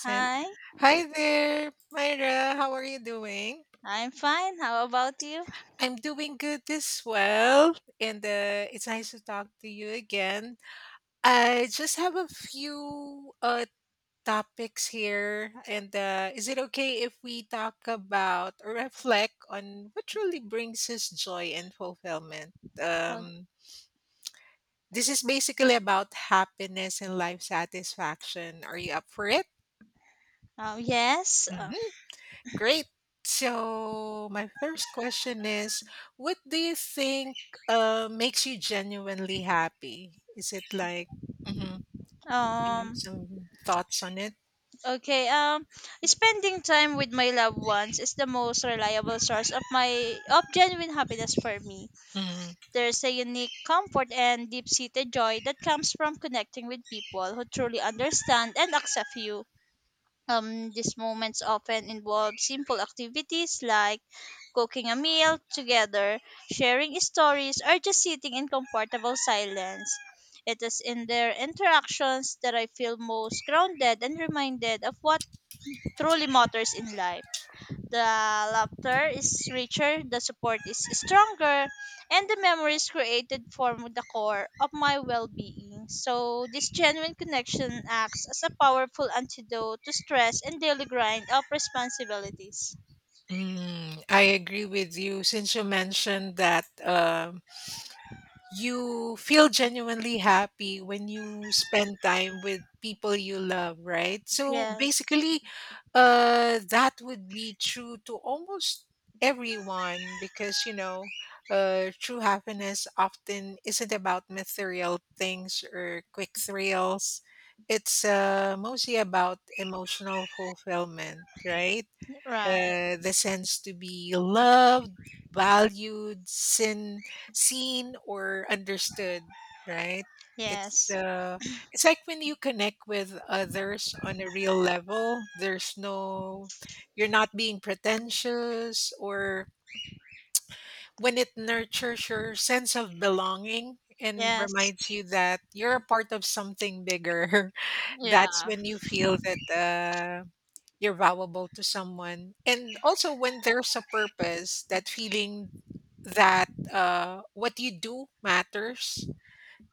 Send. Hi, Hi there, Myra. How are you doing? I'm fine. How about you? I'm doing good as well, and it's nice to talk to you again. I just have a few topics here, and is it okay if we talk about or reflect on what truly brings us joy and fulfillment? Oh, Um, this is basically about happiness and life satisfaction. Are you up for it? oh yes. Great. So, my first question is, what do you think makes you genuinely happy? Is it like, mhm, do you have um. some thoughts on it? Okay. Spending time with my loved ones is the most reliable source of my of genuine happiness for me. Mm, There's a unique comfort and deep-seated joy that comes from connecting with people who truly understand and accept you. These moments often involve simple activities like cooking a meal together, sharing stories, or just sitting in comfortable silence. It is in their interactions that I feel most grounded and reminded of what truly matters in life. The laughter is richer, the support is stronger, and the memories created form the core of my well being. So, this genuine connection acts as a powerful antidote to stress and daily grind of responsibilities. I agree with you. Since you mentioned that you feel genuinely happy when you spend time with people you love, right? So Yes, basically that would be true to almost everyone, because you know, true happiness often isn't about material things or quick thrills, it's mostly about emotional fulfillment, right? right. The sense to be loved, valued, seen or understood, right? It's Yes, uh, it's like when you connect with others on a real level. There's no, you're not being pretentious, or when it nurtures your sense of belonging and yes, reminds you that you're a part of something bigger. That's when you feel that you're valuable to someone, and also when there's a purpose, that feeling that what you do matters.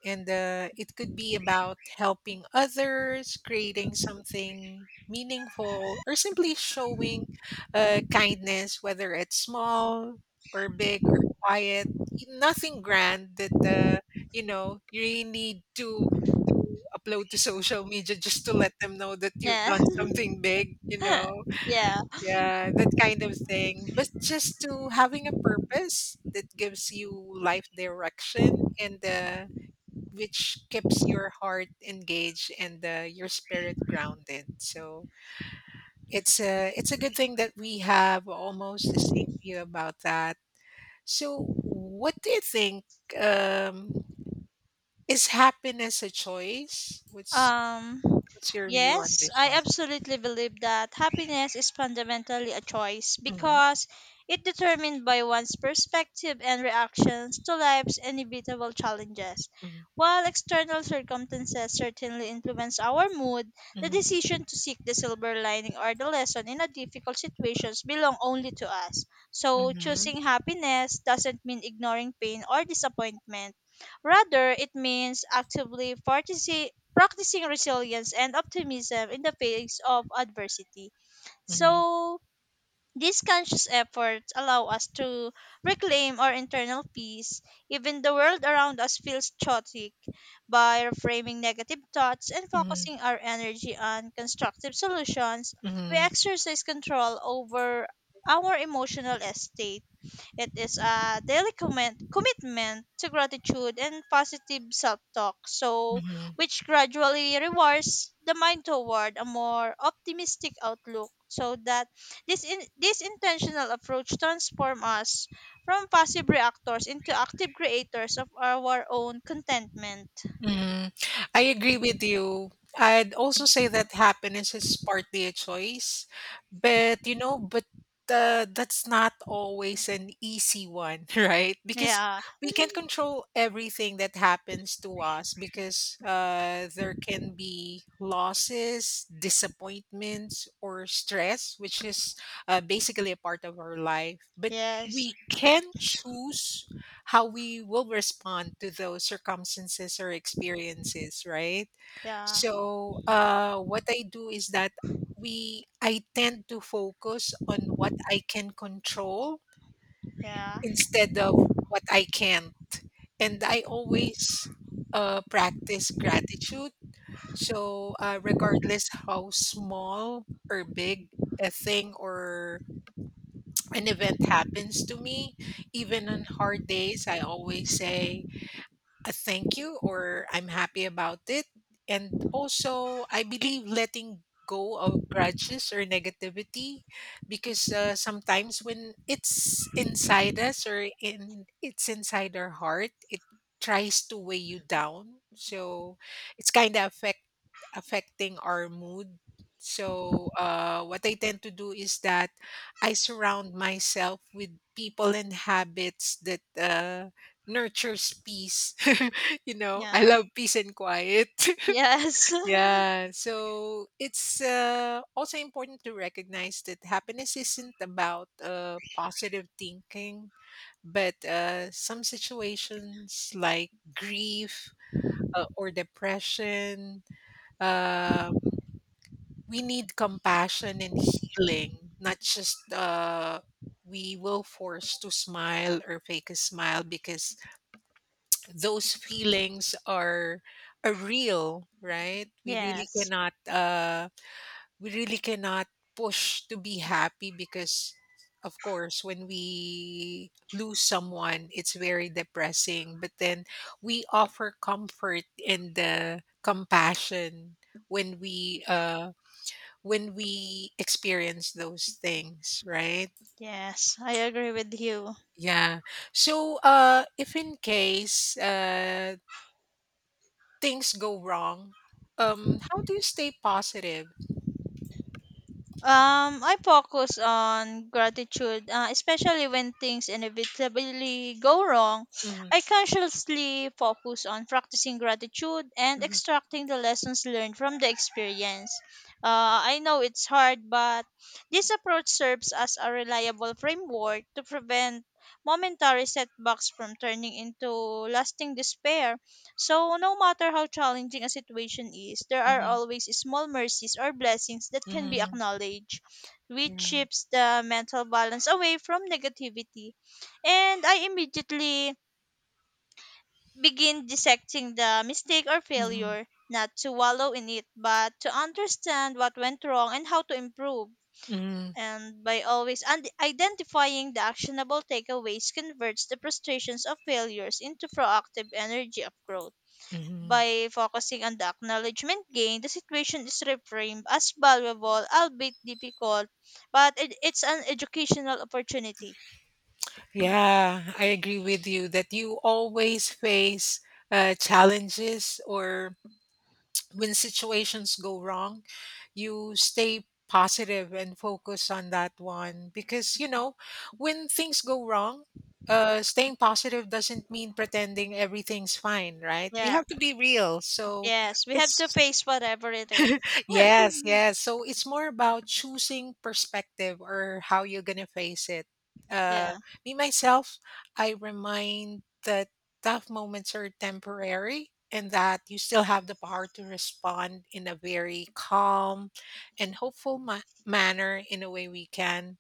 And it could be about helping others, creating something meaningful, or simply showing kindness, whether it's small or big or quiet. Nothing grand that you know, you really need to to upload to social media just to let them know that you've yeah, done something big. Yeah. Yeah, that kind of thing. But just to having a purpose that gives you life direction, and which keeps your heart engaged, and your spirit grounded. So it's a good thing that we have almost the same view about that. So what do you think? Um, is happiness a choice? What's Um, what's your view on yes, this I one? absolutely believe that happiness is fundamentally a choice Mm-hmm, because it determined by one's perspective and reactions to life's inevitable challenges. While external circumstances certainly influence our mood, the mm-hmm, decision to seek the silver lining or the lesson in a difficult situations belong only to us. So mm-hmm, choosing happiness doesn't mean ignoring pain or disappointment. Rather, it means practicing resilience and optimism in the face of adversity. mm-hmm, So, these conscious efforts allow us to reclaim our internal peace, even the world around us feels chaotic, by reframing negative thoughts and mm-hmm, focusing our energy on constructive solutions. We mm-hmm, exercise control over our emotional estate it is a daily commitment to gratitude and positive self talk, so mm-hmm. which gradually rewards the mind toward a more optimistic outlook. So that this intentional approach transforms us from passive reactors into active creators of our own contentment. Mhm. I agree with you. I'd also say that happiness is partly a choice, but you know, but that's not always an easy one, right? Because Yeah. we can't control everything that happens to us, because there can be losses, disappointments, or stress, which is basically a part of our life. But Yes. we can choose how we will respond to those circumstances or experiences, right? Yeah. So, what I do is that we I tend to focus on what I can control Yeah. instead of what I can't, and I always practice gratitude. So, regardless how small or big a thing or an event happens to me, even on hard days, I always say a thank you or I'm happy about it. And also, I believe letting go of grudges or negativity, because sometimes when it's inside us or in it's inside our heart, it tries to weigh you down. So it's kind of affecting our mood. So what I tend to do is that I surround myself with people and habits that nurtures peace. You know, I Yeah. love peace and quiet. Yes. Yeah. So it's also important to recognize that happiness isn't about positive thinking, but some situations like grief or depression, uh, we need compassion and healing, not just. We will force to smile or fake a smile, because those feelings are real, right? We really yes. cannot we really cannot push to be happy, because of course when we lose someone it's very depressing, but then we offer comfort and the compassion when we uh when we experience those things, right? Yes. I agree with you. Yeah. So if in case things go wrong, how do you stay positive? I focus on gratitude, especially when things inevitably go wrong. Mhm, I consciously focus on practicing gratitude and mhm, extracting the lessons learned from the experience. I know it's hard, but this approach serves as a reliable framework to prevent momentary setbacks from turning into lasting despair. So, no matter how challenging a situation is, there are mhm, always small mercies or blessings that can be mhm, acknowledged, which yeah, shifts the mental balance away from negativity. And I immediately begin dissecting the mistake or mhm, failure, not to wallow in it, but to understand what went wrong and how to improve. mhm, And by identifying the actionable takeaways converts the frustrations of failures into proactive energy of growth. mhm. By focusing on the acknowledgement gain, the situation is reframed as valuable, albeit difficult, but it's an educational opportunity. Yeah, I agree with you that you always face challenges, or when situations go wrong, you stay positive and focus on that one, because you know when things go wrong, staying positive doesn't mean pretending everything's fine, right? We Yeah, have to be real. So yes, we have to it's, face whatever it is. yes, yes. So it's more about choosing perspective or how you're gonna face it. Uh, yeah, me myself, I remind that tough moments are temporary and that you still have the power to respond in a very calm and hopeful manner in a way we can.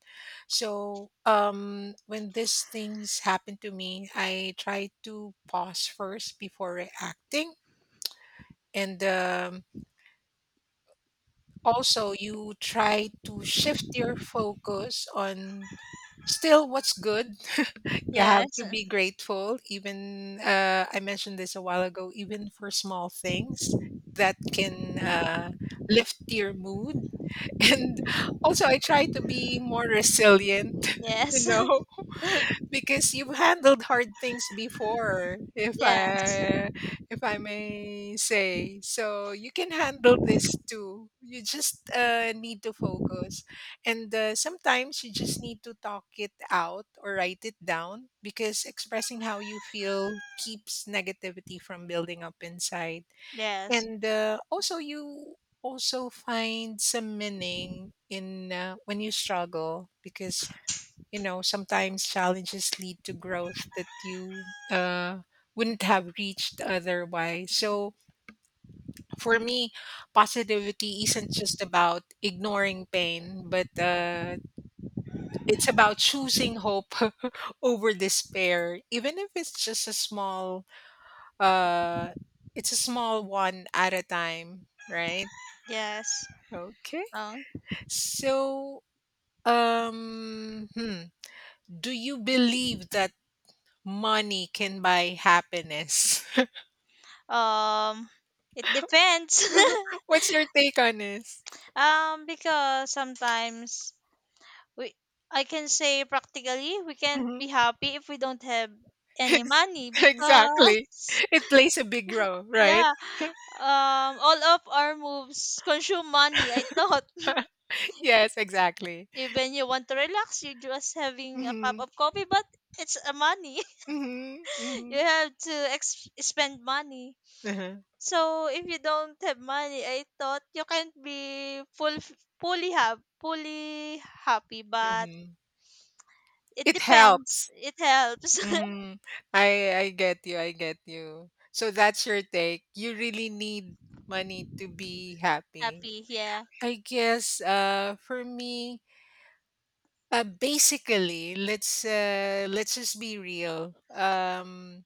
So when these things happen to me, I try to pause first before reacting, and also, you try to shift your focus on still what's good. You have yes, to be grateful, even I mentioned this a while ago, even for small things that can lift your mood. And also, I try to be more resilient, you yes, know. Because you've handled hard things before, yes, if I may say. So you can handle this too. You just need to focus. And sometimes you just need to talk it out or write it down, because expressing how you feel keeps negativity from building up inside. yes, And also you also find some meaning in when you struggle, because you know, sometimes challenges lead to growth that you wouldn't have reached otherwise. So for me, positivity isn't just about ignoring pain, but it's about choosing hope over despair, even if it's just a uh, it's a small one at a time, right? yes. Okay. Oh, So, um, hmm, do you believe that money can buy happiness? um, it depends. What's your take on this? Because sometimes we I can say practically we can't Mhm. be happy if we don't have any Ex- money exactly. because It plays a big role, right? yeah, all of our moves consume money. I thought Yes, exactly. even you want to relax, you just having a cup Hmm, of coffee, but it's a money. hmm, you hmm. have to spend money. Uh-huh. So if you don't have money, I thought you can't be fully happy, but Hmm. it It depends. helps. It helps Hmm. I get you. I get you. So that's your take. You really need money to be happy. happy, yeah. I guess for me, basically, let's just be real.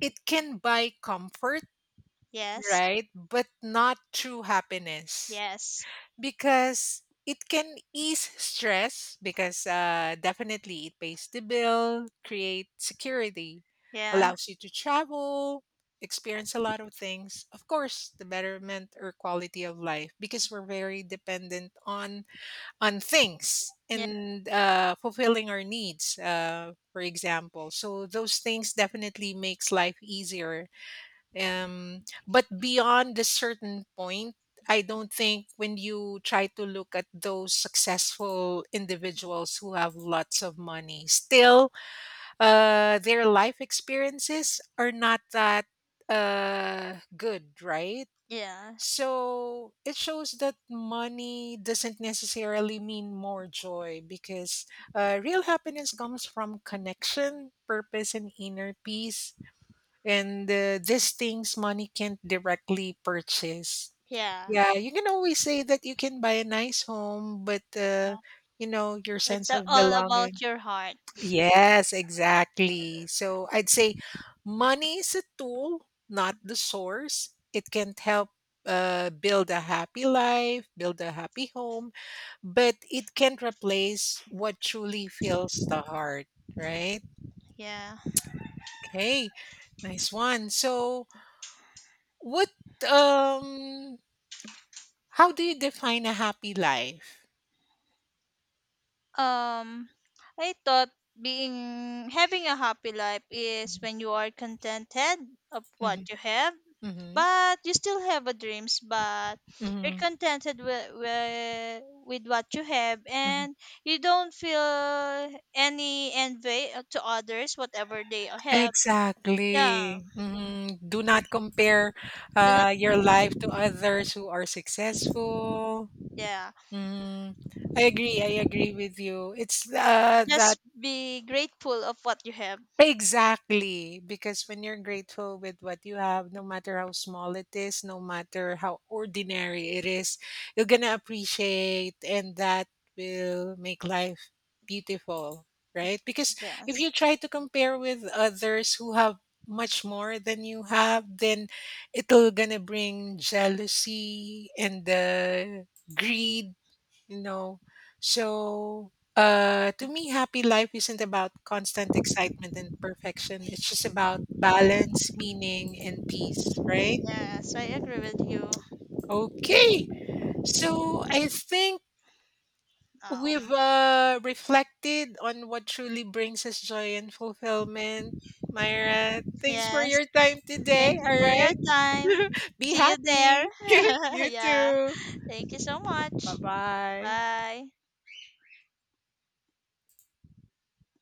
It can buy comfort, Yes. right? But not true happiness, Yes. because it can ease stress, because definitely it pays the bill, create security, Yeah. allows you to travel, experience a lot of things. Of course, the betterment or quality of life, because we're very dependent on things, Yeah. and fulfilling our needs, for example, so those things definitely makes life easier. But beyond a certain point, I don't think, when you try to look at those successful individuals who have lots of money, still their life experiences are not that good, right? Yeah. So it shows that money doesn't necessarily mean more joy, because real happiness comes from connection, purpose, and inner peace. And these things money can't directly purchase. Yeah. Yeah, you can always say that you can buy a nice home, but Uh, you know, your sense of all belonging. about your heart. Yes, exactly. So I'd say money is a tool, not the source. It can help build a happy life, build a happy home, but it can't replace what truly fills the heart, right? Yeah. Okay, nice one. So, what, um, how do you define a happy life? Um I thought being having a happy life is when you are contented of what Mm-hmm, you have, mm-hmm, but you still have a dreams, but you're mm-hmm, contented with what you have mm-hmm. and you don't feel any envy to others whatever they have. Yeah. Exactly. Mhm. Do not compare Do not your life to others who are successful. yeah. Mhm. I agree. I agree with you. It's the Just be grateful of what you have. exactly, because when you're grateful with what you have, no matter how small it is, no matter how ordinary it is, you're gonna appreciate, and that will make life beautiful, right? Because if Yes. you try to compare with others who have much more than you have, then it'll gonna bring jealousy and greed, you know. So to me, happy life isn't about constant excitement and perfection, it's just about balance, meaning and peace, right? Yes, I agree with you. Okay. So I think Um, we've reflected on what truly brings us joy and fulfillment. Myra, thanks for yes. your time today, Thank all you for your right? time. Be See you there. happy. You yeah. too. Thank you so much. Bye bye. Bye.